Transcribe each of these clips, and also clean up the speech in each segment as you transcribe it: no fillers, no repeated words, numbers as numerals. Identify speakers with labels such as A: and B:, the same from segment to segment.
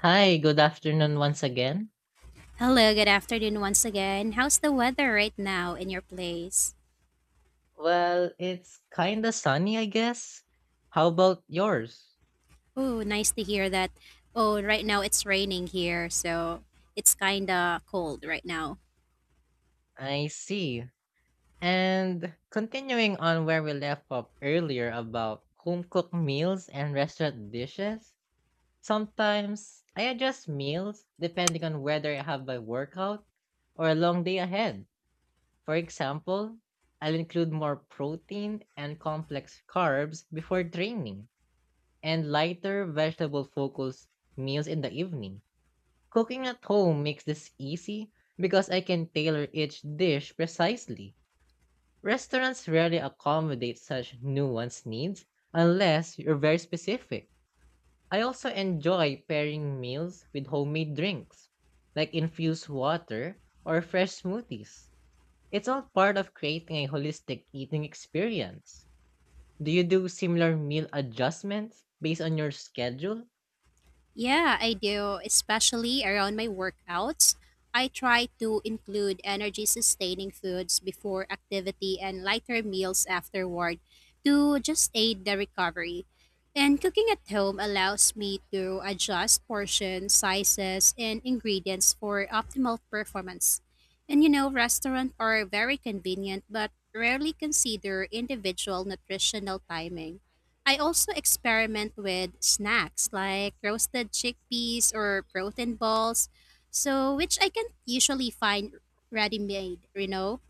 A: Hi, good afternoon once again.
B: Hello, good afternoon once again. How's the weather right now in your place?
A: Well, it's kinda sunny, I guess. How about yours?
B: Oh, nice to hear that. Oh, right now it's raining here, so it's kind of cold right now.
A: I see. And continuing on where we left off earlier about home cooked meals and restaurant dishes, sometimes I adjust meals depending on whether I have my workout or a long day ahead. For example, I'll include more protein and complex carbs before training and lighter vegetable focused meals in the evening. Cooking at home makes this easy because I can tailor each dish precisely. Restaurants rarely accommodate such nuanced needs unless you're very specific. I also enjoy pairing meals with homemade drinks, like infused water or fresh smoothies. It's all part of creating a holistic eating experience. Do you do similar meal adjustments based on your schedule?
B: Yeah, I do, especially around my workouts. I try to include energy sustaining foods before activity and lighter meals afterward to just aid the recovery. And cooking at home allows me to adjust portions, sizes, and ingredients for optimal performance. And you know, restaurants are very convenient but rarely consider individual nutritional timing. I also experiment with snacks like roasted chickpeas or protein balls, so which I can usually find ready-made,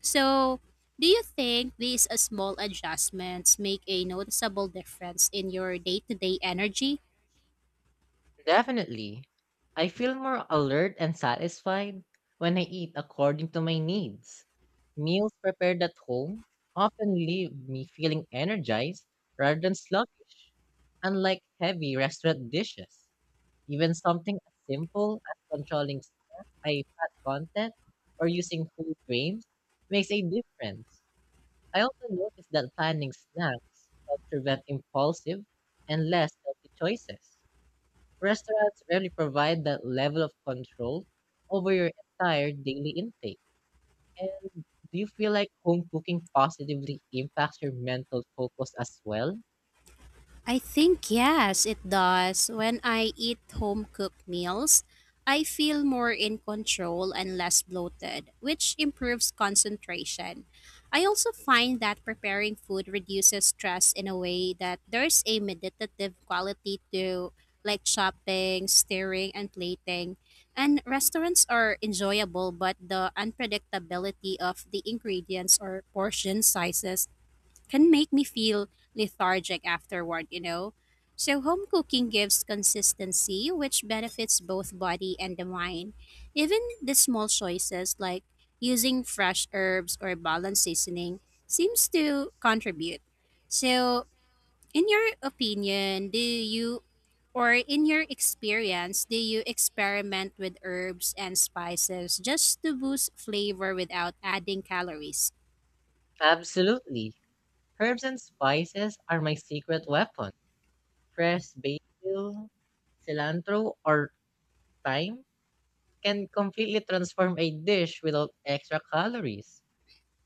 B: So, do you think these small adjustments make a noticeable difference in your day-to-day energy?
A: Definitely. I feel more alert and satisfied when I eat according to my needs. Meals prepared at home often leave me feeling energized rather than sluggish, unlike heavy restaurant dishes. Even something as simple as controlling snacks, I fat content or using food grains makes a difference. I also notice that planning snacks helps prevent impulsive and less healthy choices. Restaurants rarely provide that level of control over your entire daily intake. And do you feel like home cooking positively impacts your mental focus as well?
B: I think yes, it does. When I eat home cooked meals, I feel more in control and less bloated, which improves concentration. I also find that preparing food reduces stress in a way that there's a meditative quality to like shopping, stirring, and plating. And restaurants are enjoyable, but the unpredictability of the ingredients or portion sizes can make me feel lethargic afterward, you know? So, home cooking gives consistency, which benefits both body and the mind. Even the small choices like using fresh herbs or balanced seasoning seems to contribute. So, in your opinion, do you or in your experience, do you experiment with herbs and spices just to boost flavor without adding calories?
A: Absolutely. Herbs and spices are my secret weapon. Fresh basil, cilantro, or thyme can completely transform a dish without extra calories.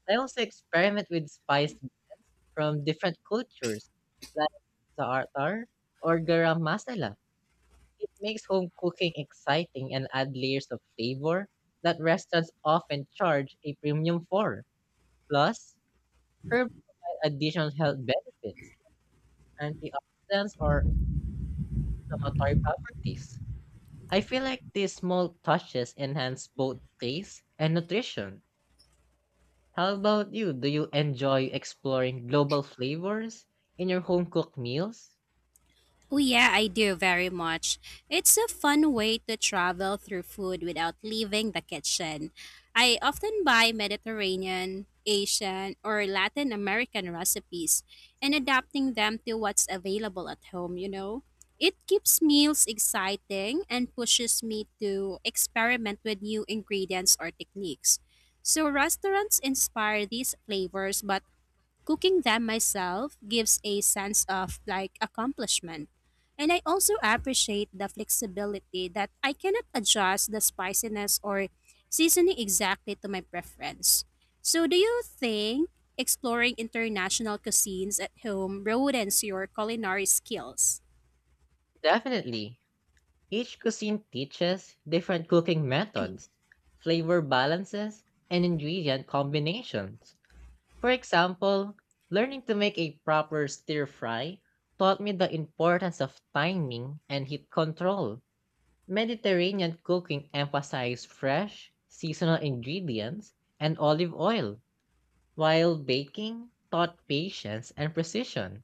A: I also experiment with spice blends from different cultures, like za'atar or garam masala. It makes home cooking exciting and add layers of flavor that restaurants often charge a premium for. Plus, herbs provide additional health benefits, like antioxidants, or inflammatory properties. I feel like these small touches enhance both taste and nutrition. How about you? Do you enjoy exploring global flavors in your home cooked meals?
B: Oh, yeah, I do very much. It's a fun way to travel through food without leaving the kitchen. I often buy Mediterranean, Asian, or Latin American recipes and adapting them to what's available at home, you know? It keeps meals exciting and pushes me to experiment with new ingredients or techniques. So, restaurants inspire these flavors, but cooking them myself gives a sense of like accomplishment. And I also appreciate the flexibility that I cannot adjust the spiciness or seasoning exactly to my preference. So, do you think exploring international cuisines at home broadens your culinary skills?
A: Definitely. Each cuisine teaches different cooking methods, flavor balances, and ingredient combinations. For example, learning to make a proper stir fry taught me the importance of timing and heat control. Mediterranean cooking emphasized fresh, seasonal ingredients and olive oil while baking taught patience and precision.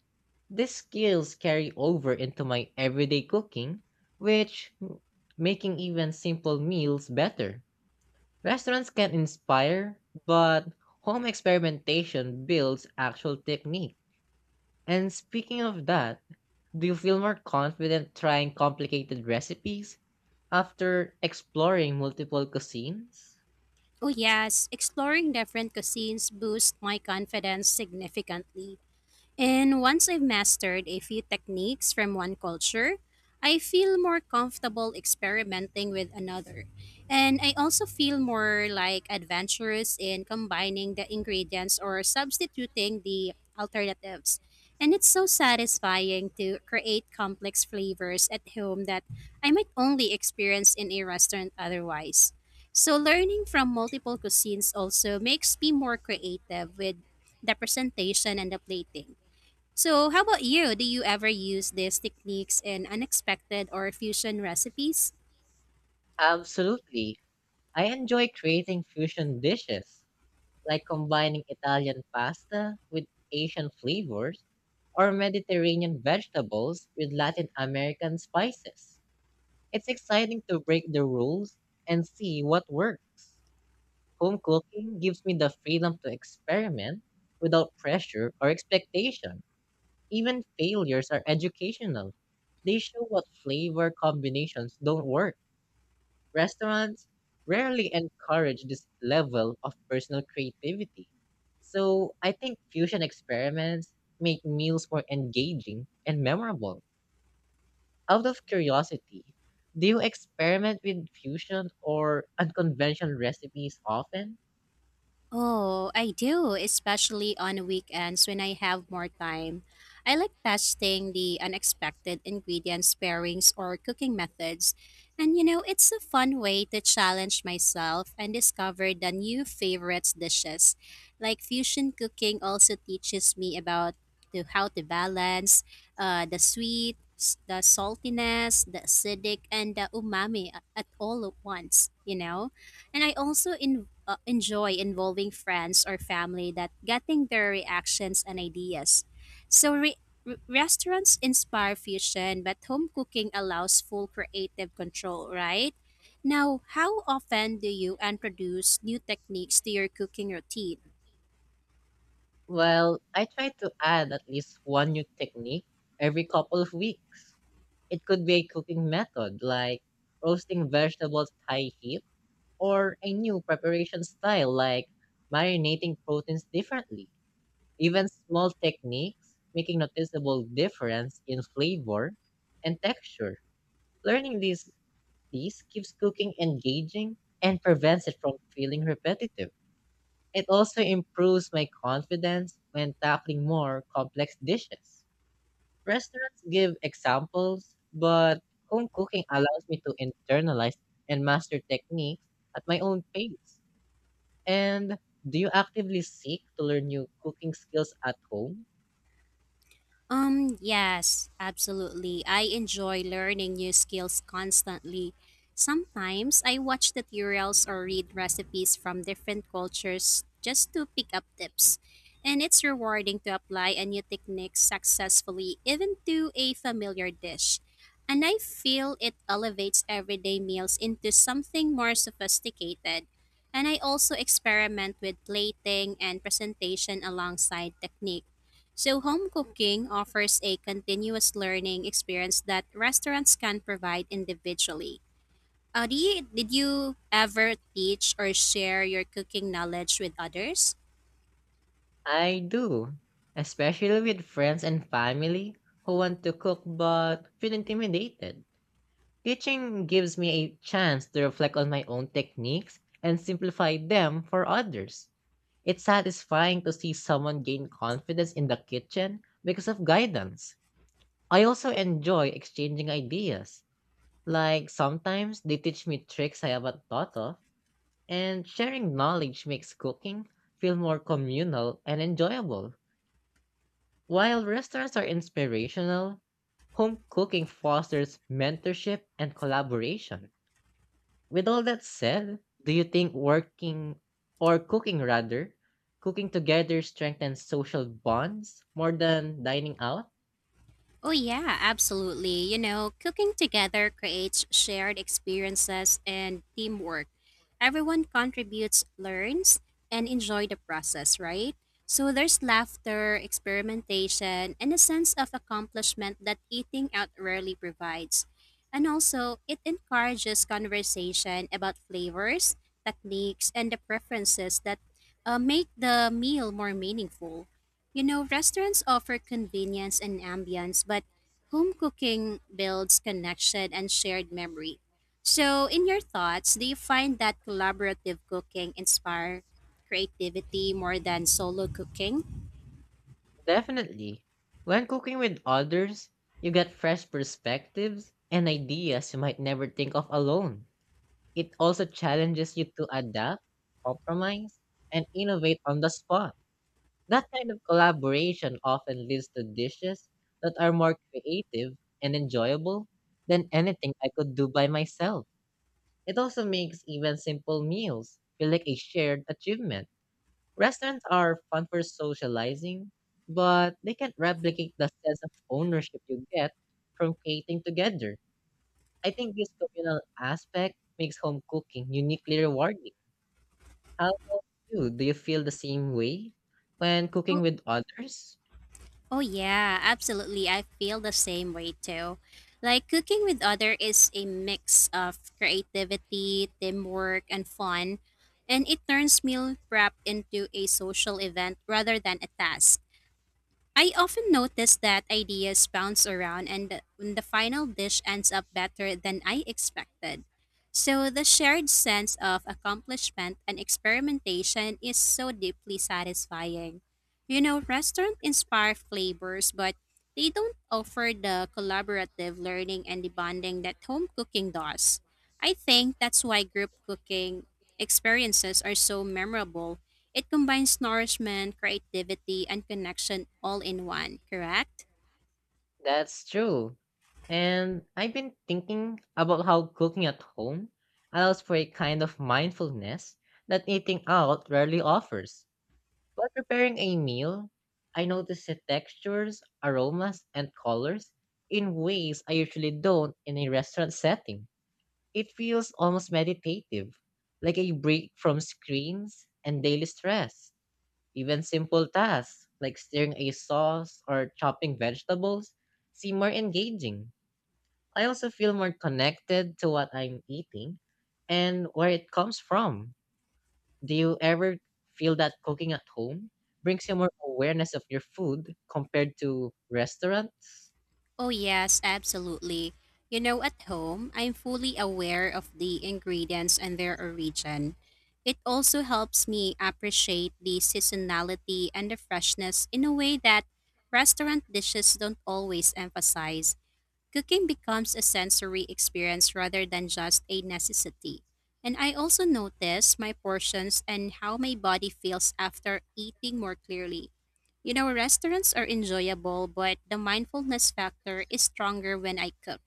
A: These skills carry over into my everyday cooking, which m- making even simple meals better. Restaurants can inspire, but home experimentation builds actual technique. And speaking of that, do you feel more confident trying complicated recipes after exploring multiple cuisines?
B: Oh, yes, exploring different cuisines boosts my confidence significantly. And once I've mastered a few techniques from one culture, I feel more comfortable experimenting with another. And I also feel more like adventurous in combining the ingredients or substituting the alternatives. And it's so satisfying to create complex flavors at home that I might only experience in a restaurant otherwise. So, learning from multiple cuisines also makes me more creative with the presentation and the plating. So, how about you? Do you ever use these techniques in unexpected or fusion recipes?
A: Absolutely. I enjoy creating fusion dishes like combining Italian pasta with Asian flavors or Mediterranean vegetables with Latin American spices. It's exciting to break the rules and see what works. Home cooking gives me the freedom to experiment without pressure or expectation. Even failures are educational. They show what flavor combinations don't work. Restaurants rarely encourage this level of personal creativity. So I think fusion experiments make meals more engaging and memorable. Out of curiosity, do you experiment with fusion or unconventional recipes often?
B: Oh, I do, especially on weekends when I have more time. I like testing the unexpected ingredients pairings or cooking methods. And you know, it's a fun way to challenge myself and discover the new favorites dishes. Like fusion cooking also teaches me about to how to balance the sweet, the saltiness, the acidic, and the umami at all at once, you know? And I also enjoy involving friends or family that getting their reactions and ideas. So restaurants inspire fusion, but home cooking allows full creative control, right? Now, how often do you introduce new techniques to your cooking routine?
A: Well, I try to add at least one new technique every couple of weeks. It could be a cooking method like roasting vegetables high heat or a new preparation style like marinating proteins differently. Even small techniques make a noticeable difference in flavor and texture. Learning these keeps cooking engaging and prevents it from feeling repetitive. It also improves my confidence when tackling more complex dishes. Restaurants give examples, but home cooking allows me to internalize and master techniques at my own pace. And do you actively seek to learn new cooking skills at home?
B: Yes, absolutely. I enjoy learning new skills constantly. Sometimes I watch tutorials or read recipes from different cultures just to pick up tips. And it's rewarding to apply a new technique successfully, even to a familiar dish. And I feel it elevates everyday meals into something more sophisticated. And I also experiment with plating and presentation alongside technique. So, home cooking offers a continuous learning experience that restaurants can provide individually. Did you ever teach or share your cooking knowledge with others?
A: I do, especially with friends and family who want to cook but feel intimidated. Teaching gives me a chance to reflect on my own techniques and simplify them for others. It's satisfying to see someone gain confidence in the kitchen because of guidance. I also enjoy exchanging ideas. Like sometimes they teach me tricks I haven't thought of. And sharing knowledge makes cooking feel more communal and enjoyable. While restaurants are inspirational, home cooking fosters mentorship and collaboration. With all that said, do you think working or cooking rather, cooking together strengthens social bonds more than dining out?
B: Oh, yeah, absolutely. You know, cooking together creates shared experiences and teamwork. Everyone contributes, learns, and enjoy the process, right? So there's laughter, experimentation, and a sense of accomplishment that eating out rarely provides. And also, it encourages conversation about flavors, techniques, and the preferences that make the meal more meaningful. You know, restaurants offer convenience and ambience, but home cooking builds connection and shared memory. So, in your thoughts, do you find that collaborative cooking inspire creativity more than solo cooking?
A: Definitely. When cooking with others, you get fresh perspectives and ideas you might never think of alone. It also challenges you to adapt, compromise, and innovate on the spot. That kind of collaboration often leads to dishes that are more creative and enjoyable than anything I could do by myself. It also makes even simple meals feel like a shared achievement. Restaurants are fun for socializing, but they can't replicate the sense of ownership you get from creating together. I think this communal aspect makes home cooking uniquely rewarding. How about you? Do you feel the same way when cooking
B: Oh,
A: with others?
B: oh, yeah, absolutely. I feel the same way too. Like cooking with other is a mix of creativity, teamwork, and fun, and it turns meal prep into a social event rather than a task. I often notice that ideas bounce around when the final dish ends up better than I expected. So the shared sense of accomplishment and experimentation is so deeply satisfying. You know, restaurants inspire flavors, but they don't offer the collaborative learning and the bonding that home cooking does. I think that's why group cooking experiences are so memorable. It combines nourishment, creativity, and connection all in one, correct?
A: That's true. And I've been thinking about how cooking at home allows for a kind of mindfulness that eating out rarely offers. While preparing a meal, I notice the textures, aromas, and colors in ways I usually don't in a restaurant setting. It feels almost meditative, like a break from screens and daily stress. Even simple tasks like stirring a sauce or chopping vegetables seem more engaging. I also feel more connected to what I'm eating and where it comes from. Do you ever feel that cooking at home brings you more awareness of your food compared to restaurants?
B: Oh, yes, absolutely. You know, at home, I'm fully aware of the ingredients and their origin. It also helps me appreciate the seasonality and the freshness in a way that restaurant dishes don't always emphasize. Cooking becomes a sensory experience rather than just a necessity. And I also notice my portions and how my body feels after eating more clearly. You know, restaurants are enjoyable, but the mindfulness factor is stronger when I cook.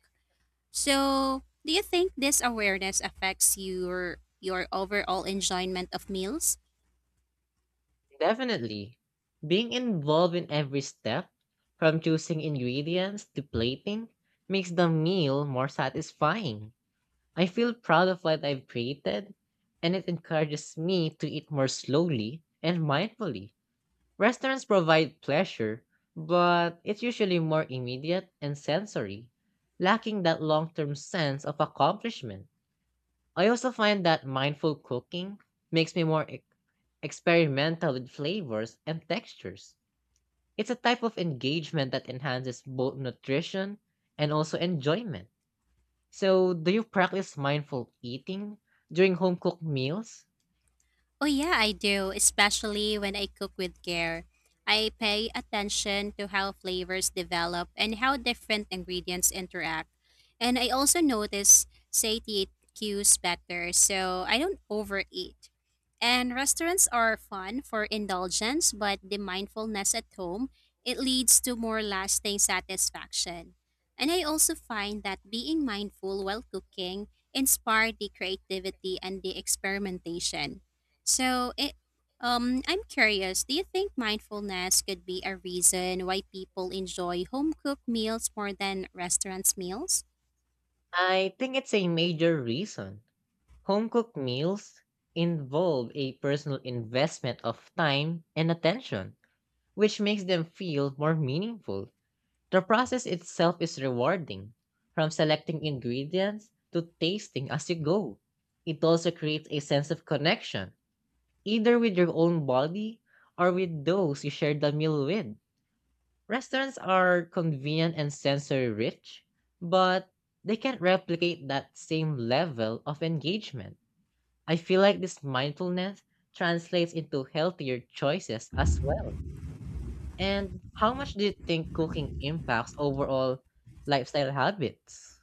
B: So, do you think this awareness affects your overall enjoyment of meals?
A: Definitely. Being involved in every step, from choosing ingredients to plating, makes the meal more satisfying. I feel proud of what I've created, and it encourages me to eat more slowly and mindfully. Restaurants provide pleasure, but it's usually more immediate and sensory, lacking that long term sense of accomplishment. I also find that mindful cooking makes me more experimental with flavors and textures. It's a type of engagement that enhances both nutrition and also enjoyment. So, do you practice mindful eating during home cooked meals?
B: Oh, yeah, I do, especially when I cook with care. I pay attention to how flavors develop and how different ingredients interact. And I also notice satiate cues better, so I don't overeat. And restaurants are fun for indulgence, but the mindfulness at home, it leads to more lasting satisfaction. And I also find that being mindful while cooking inspired the creativity and the experimentation. So it I'm curious, do you think mindfulness could be a reason why people enjoy home cooked meals more than restaurants meals?
A: I think it's a major reason. Home cooked meals involve a personal investment of time and attention, which makes them feel more meaningful. The process itself is rewarding, from selecting ingredients to tasting as you go. It also creates a sense of connection, either with your own body or with those you share the meal with. Restaurants are convenient and sensory rich, but they can't replicate that same level of engagement. I feel like this mindfulness translates into healthier choices as well. And how much do you think cooking impacts overall lifestyle habits?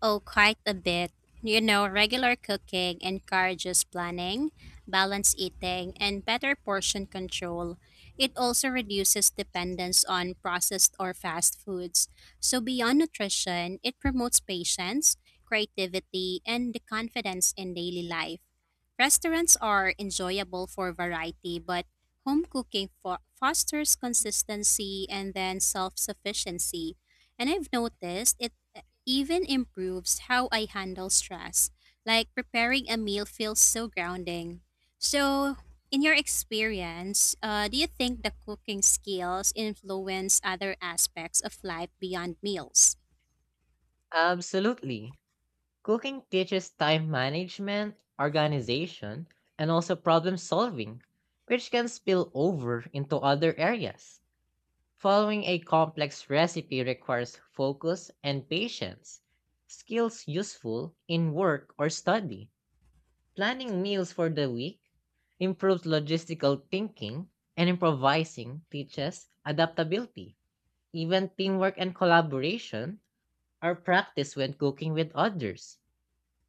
B: Oh, quite a bit. You know, regular cooking encourages planning, balanced eating, and better portion control. It also reduces dependence on processed or fast foods. So, beyond nutrition, it promotes patience, creativity, and the confidence in daily life. Restaurants are enjoyable for variety, but home cooking fosters consistency and then self sufficiency. And I've noticed it even improves how I handle stress. Like preparing a meal feels so grounding. So, in your experience, do you think the cooking skills influence other aspects of life beyond meals?
A: Absolutely. Cooking teaches time management, organization, and also problem solving, which can spill over into other areas. Following a complex recipe requires focus and patience, skills useful in work or study. Planning meals for the week improves logistical thinking, and improvising teaches adaptability. Even teamwork and collaboration are practiced when cooking with others.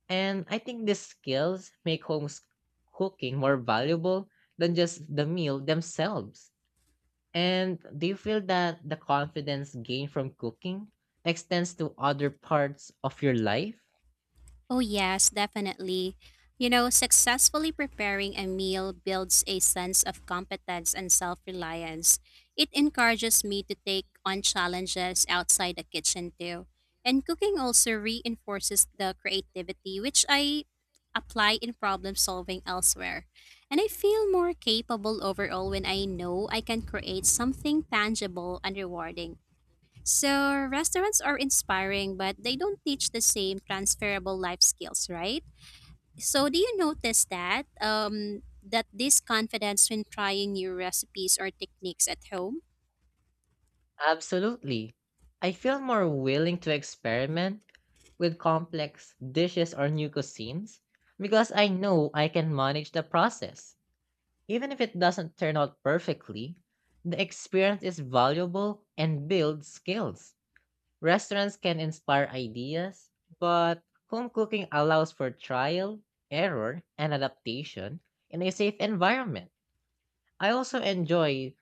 A: And I think these skills make cooking more valuable than just the meal themselves. And do you feel that the confidence gained from cooking extends to other parts of your life?
B: Oh, yes, definitely. You know, successfully preparing a meal builds a sense of competence and self reliance. It encourages me to take on challenges outside the kitchen, too. And cooking also reinforces the creativity, which I apply in problem solving elsewhere. And I feel more capable overall when I know I can create something tangible and rewarding. So, restaurants are inspiring, but they don't teach the same transferable life skills, right? So, do you notice that this confidence when trying new recipes or techniques at home?
A: Absolutely. I feel more willing to experiment with complex dishes or new cuisines because I know I can manage the process. Even if it doesn't turn out perfectly, the experience is valuable and builds skills. Restaurants can inspire ideas, but home cooking allows for trial, error, and adaptation in a safe environment. I also enjoy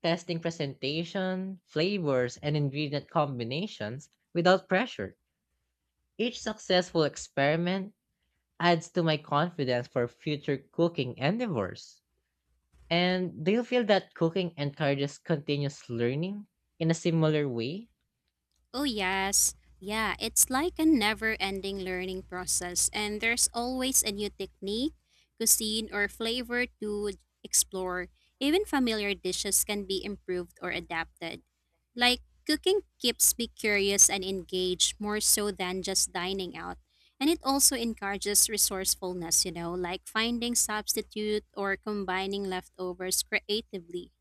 A: testing presentation, flavors, and ingredient combinations without pressure. Each successful experiment adds to my confidence for future cooking endeavors. And do you feel that cooking encourages continuous learning in a similar way?
B: Oh, yes. Yeah, it's like a never ending learning process, and there's always a new technique, cuisine, or flavor to explore. Even familiar dishes can be improved or adapted. Like, cooking keeps me curious and engaged more so than just dining out. And it also encourages resourcefulness, you know, like finding substitute or combining leftovers creatively.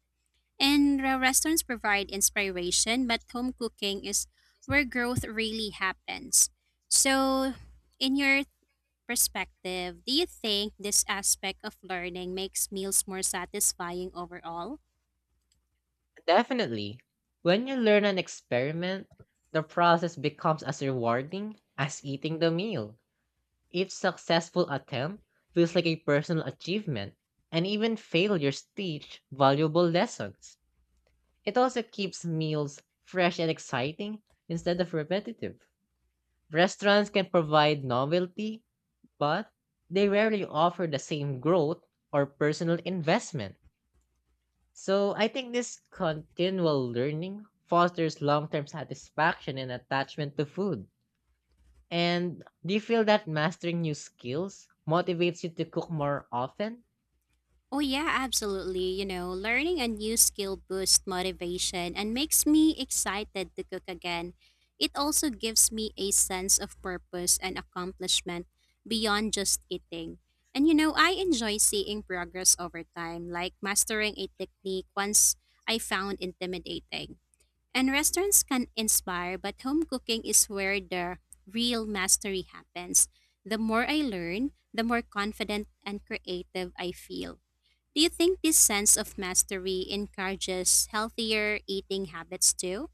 B: And restaurants provide inspiration, but home cooking is where growth really happens. So, in your perspective, do you think this aspect of learning makes meals more satisfying overall?
A: Definitely. When you learn an experiment, the process becomes as rewarding as eating the meal. Each successful attempt feels like a personal achievement, and even failures teach valuable lessons. It also keeps meals fresh and exciting instead of repetitive. Restaurants can provide novelty, but they rarely offer the same growth or personal investment. So I think this continual learning fosters long-term satisfaction and attachment to food. And do you feel that mastering new skills motivates you to cook more often?
B: Oh, yeah, absolutely. You know, learning a new skill boosts motivation and makes me excited to cook again. It also gives me a sense of purpose and accomplishment beyond just eating. And you know, I enjoy seeing progress over time, like mastering a technique once I found intimidating. And restaurants can inspire, but home cooking is where the real mastery happens. The more I learn, the more confident and creative I feel. Do you think this sense of mastery encourages healthier eating habits too?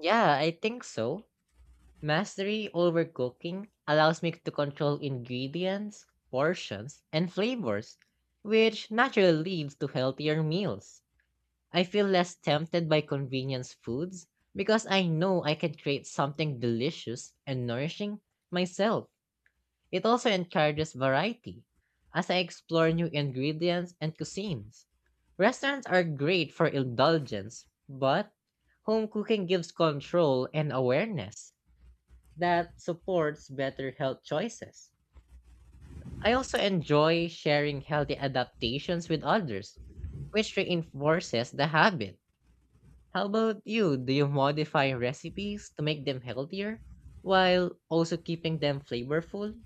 A: Yeah, I think so. Mastery over cooking allows me to control ingredients, portions, and flavors, which naturally leads to healthier meals. I feel less tempted by convenience foods because I know I can create something delicious and nourishing myself. It also encourages variety, as I explore new ingredients and cuisines. Restaurants are great for indulgence, but home cooking gives control and awareness that supports better health choices. I also enjoy sharing healthy adaptations with others, which reinforces the habit. How about you? Do you modify recipes to make them healthier while also keeping them flavorful?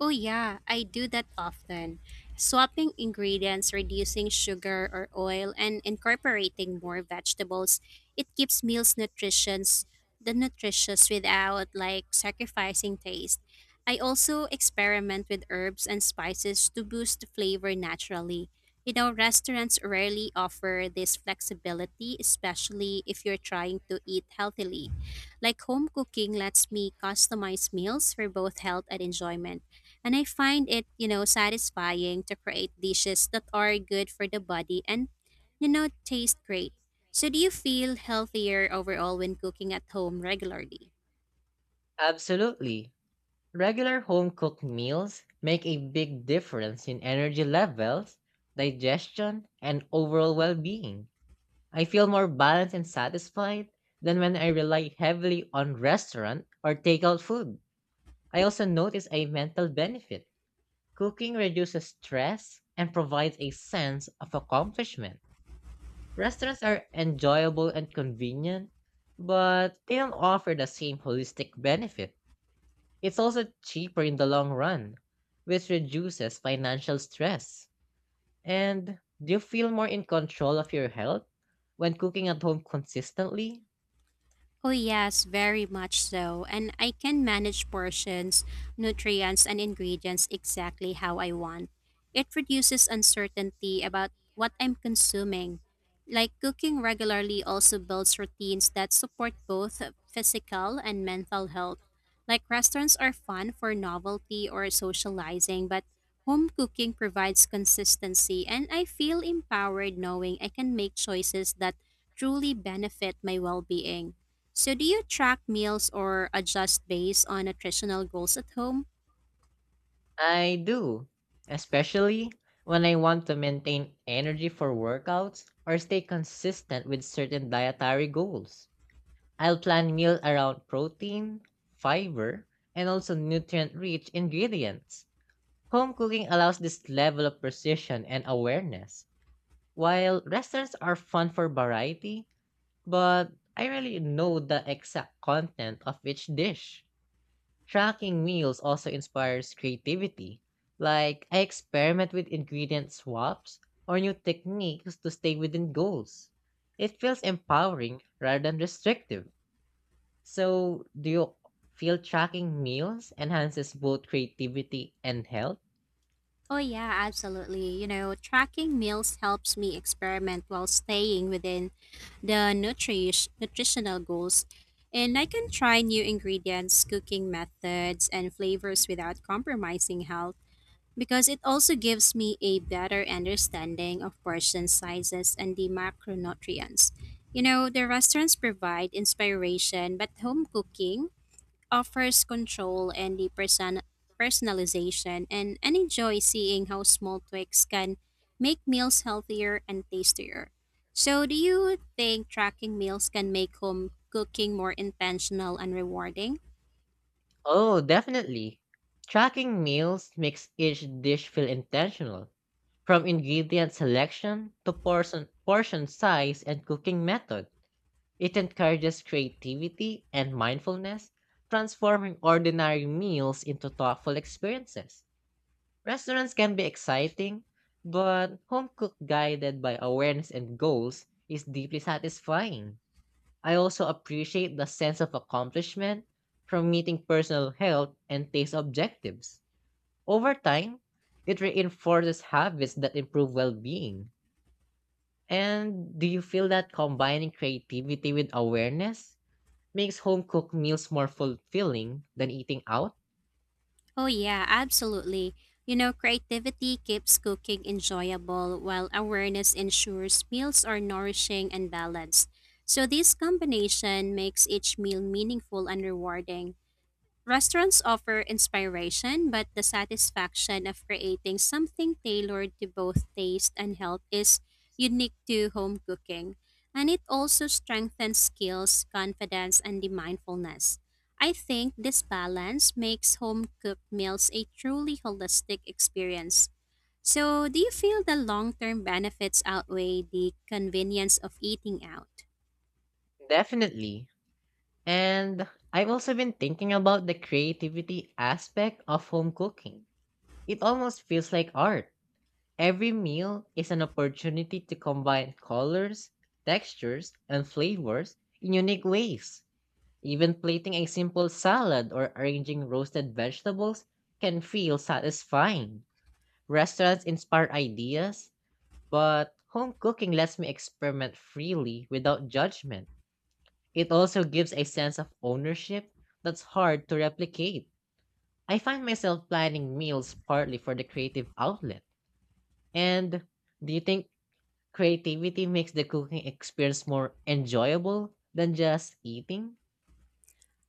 B: Oh, yeah, I do that often. Swapping ingredients, reducing sugar or oil, and incorporating more vegetables. It keeps meals nutritious, the nutritious without like sacrificing taste. I also experiment with herbs and spices to boost flavor naturally. You know, restaurants rarely offer this flexibility, especially if you're trying to eat healthily. Like home cooking lets me customize meals for both health and enjoyment. And I find it, you know, satisfying to create dishes that are good for the body and, you know, taste great. So do you feel healthier overall when cooking at home regularly?
A: Absolutely. Regular home cooked meals make a big difference in energy levels, digestion, and overall well being. I feel more balanced and satisfied than when I rely heavily on restaurant or takeout food. I also notice a mental benefit. Cooking reduces stress and provides a sense of accomplishment. Restaurants are enjoyable and convenient, but they don't offer the same holistic benefit. It's also cheaper in the long run, which reduces financial stress. And do you feel more in control of your health when cooking at home consistently?
B: Oh, yes, very much so. And I can manage portions, nutrients, and ingredients exactly how I want. It reduces uncertainty about what I'm consuming. Like cooking regularly also builds routines that support both physical and mental health. Like restaurants are fun for novelty or socializing, but home cooking provides consistency, and I feel empowered knowing I can make choices that truly benefit my well being. So, do you track meals or adjust based on nutritional goals at home?
A: I do, especially when I want to maintain energy for workouts or stay consistent with certain dietary goals. I'll plan meals around protein, fiber, and also nutrient rich ingredients. Home cooking allows this level of precision and awareness. While restaurants are fun for variety, but I rarely know the exact content of each dish. Tracking meals also inspires creativity. Like, I experiment with ingredient swaps or new techniques to stay within goals. It feels empowering rather than restrictive. So, do you feel tracking meals enhances both creativity and health?
B: Oh, yeah, absolutely. You know, tracking meals helps me experiment while staying within the nutritional goals. And I can try new ingredients, cooking methods, and flavors without compromising health because it also gives me a better understanding of portion sizes and the macronutrients. You know, the restaurants provide inspiration, but home cooking offers control and the personalization, and enjoy seeing how small tweaks can make meals healthier and tastier. So, do you think tracking meals can make home cooking more intentional and rewarding?
A: Oh, definitely. Tracking meals makes each dish feel intentional. From ingredient selection to portion size and cooking method, it encourages creativity and mindfulness, transforming ordinary meals into thoughtful experiences. Restaurants can be exciting, but home cooked guided by awareness and goals is deeply satisfying. I also appreciate the sense of accomplishment from meeting personal health and taste objectives. Over time, it reinforces habits that improve well being. And do you feel that combining creativity with awareness makes home cooked meals more fulfilling than eating out?
B: Oh, yeah, absolutely. You know, creativity keeps cooking enjoyable while awareness ensures meals are nourishing and balanced. So, this combination makes each meal meaningful and rewarding. Restaurants offer inspiration, but the satisfaction of creating something tailored to both taste and health is unique to home cooking. And it also strengthens skills, confidence, and the mindfulness. I think this balance makes home cooked meals a truly holistic experience. So, do you feel the long term benefits outweigh the convenience of eating out?
A: Definitely. And I've also been thinking about the creativity aspect of home cooking. It almost feels like art. Every meal is an opportunity to combine colors, textures, and flavors in unique ways. Even plating a simple salad or arranging roasted vegetables can feel satisfying. Restaurants inspire ideas, but home cooking lets me experiment freely without judgment. It also gives a sense of ownership that's hard to replicate. I find myself planning meals partly for the creative outlet. And do you think creativity makes the cooking experience more enjoyable than just eating?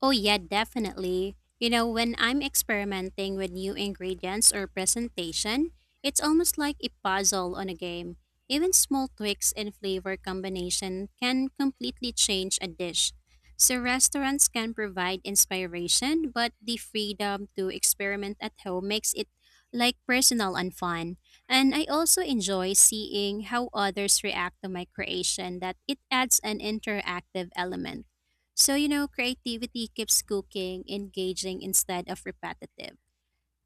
B: Oh, yeah, definitely. You know, when I'm experimenting with new ingredients or presentation, it's almost like a puzzle on a game. Even small tweaks in flavor combination can completely change a dish. So, restaurants can provide inspiration, but the freedom to experiment at home makes it like personal and fun. And I also enjoy seeing how others react to my creation, that it adds an interactive element. So, you know, creativity keeps cooking engaging instead of repetitive,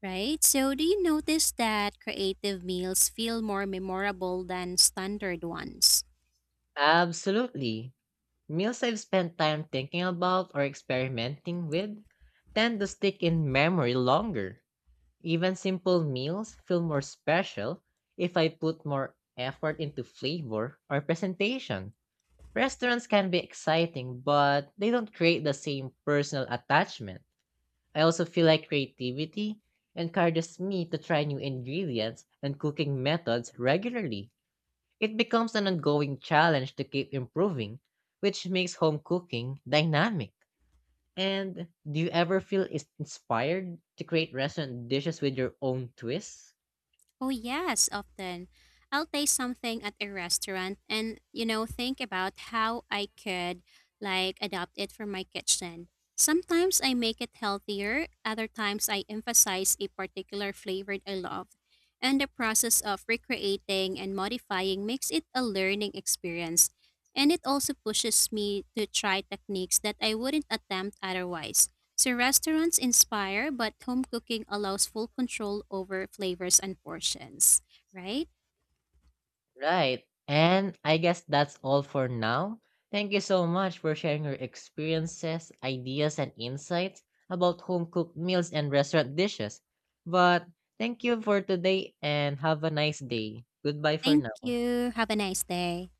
B: right? So, do you notice that creative meals feel more memorable than standard ones?
A: Absolutely. Meals I've spent time thinking about or experimenting with tend to stick in memory longer. Even simple meals feel more special if I put more effort into flavor or presentation. Restaurants can be exciting, but they don't create the same personal attachment. I also feel like creativity encourages me to try new ingredients and cooking methods regularly. It becomes an ongoing challenge to keep improving, which makes home cooking dynamic. And do you ever feel inspired to create restaurant dishes with your own twists?
B: Oh, yes, often. I'll taste something at a restaurant and, you know, think about how I could like adopt it for my kitchen. Sometimes I make it healthier, other times I emphasize a particular flavor I love. And the process of recreating and modifying makes it a learning experience. And it also pushes me to try techniques that I wouldn't attempt otherwise. So restaurants inspire, but home cooking allows full control over flavors and portions, right?
A: Right. And I guess that's all for now. Thank you so much for sharing your experiences, ideas, and insights about home cooked meals and restaurant dishes. But thank you for today and have a nice day. Goodbye for
B: Thank
A: now.
B: you. Have a nice day.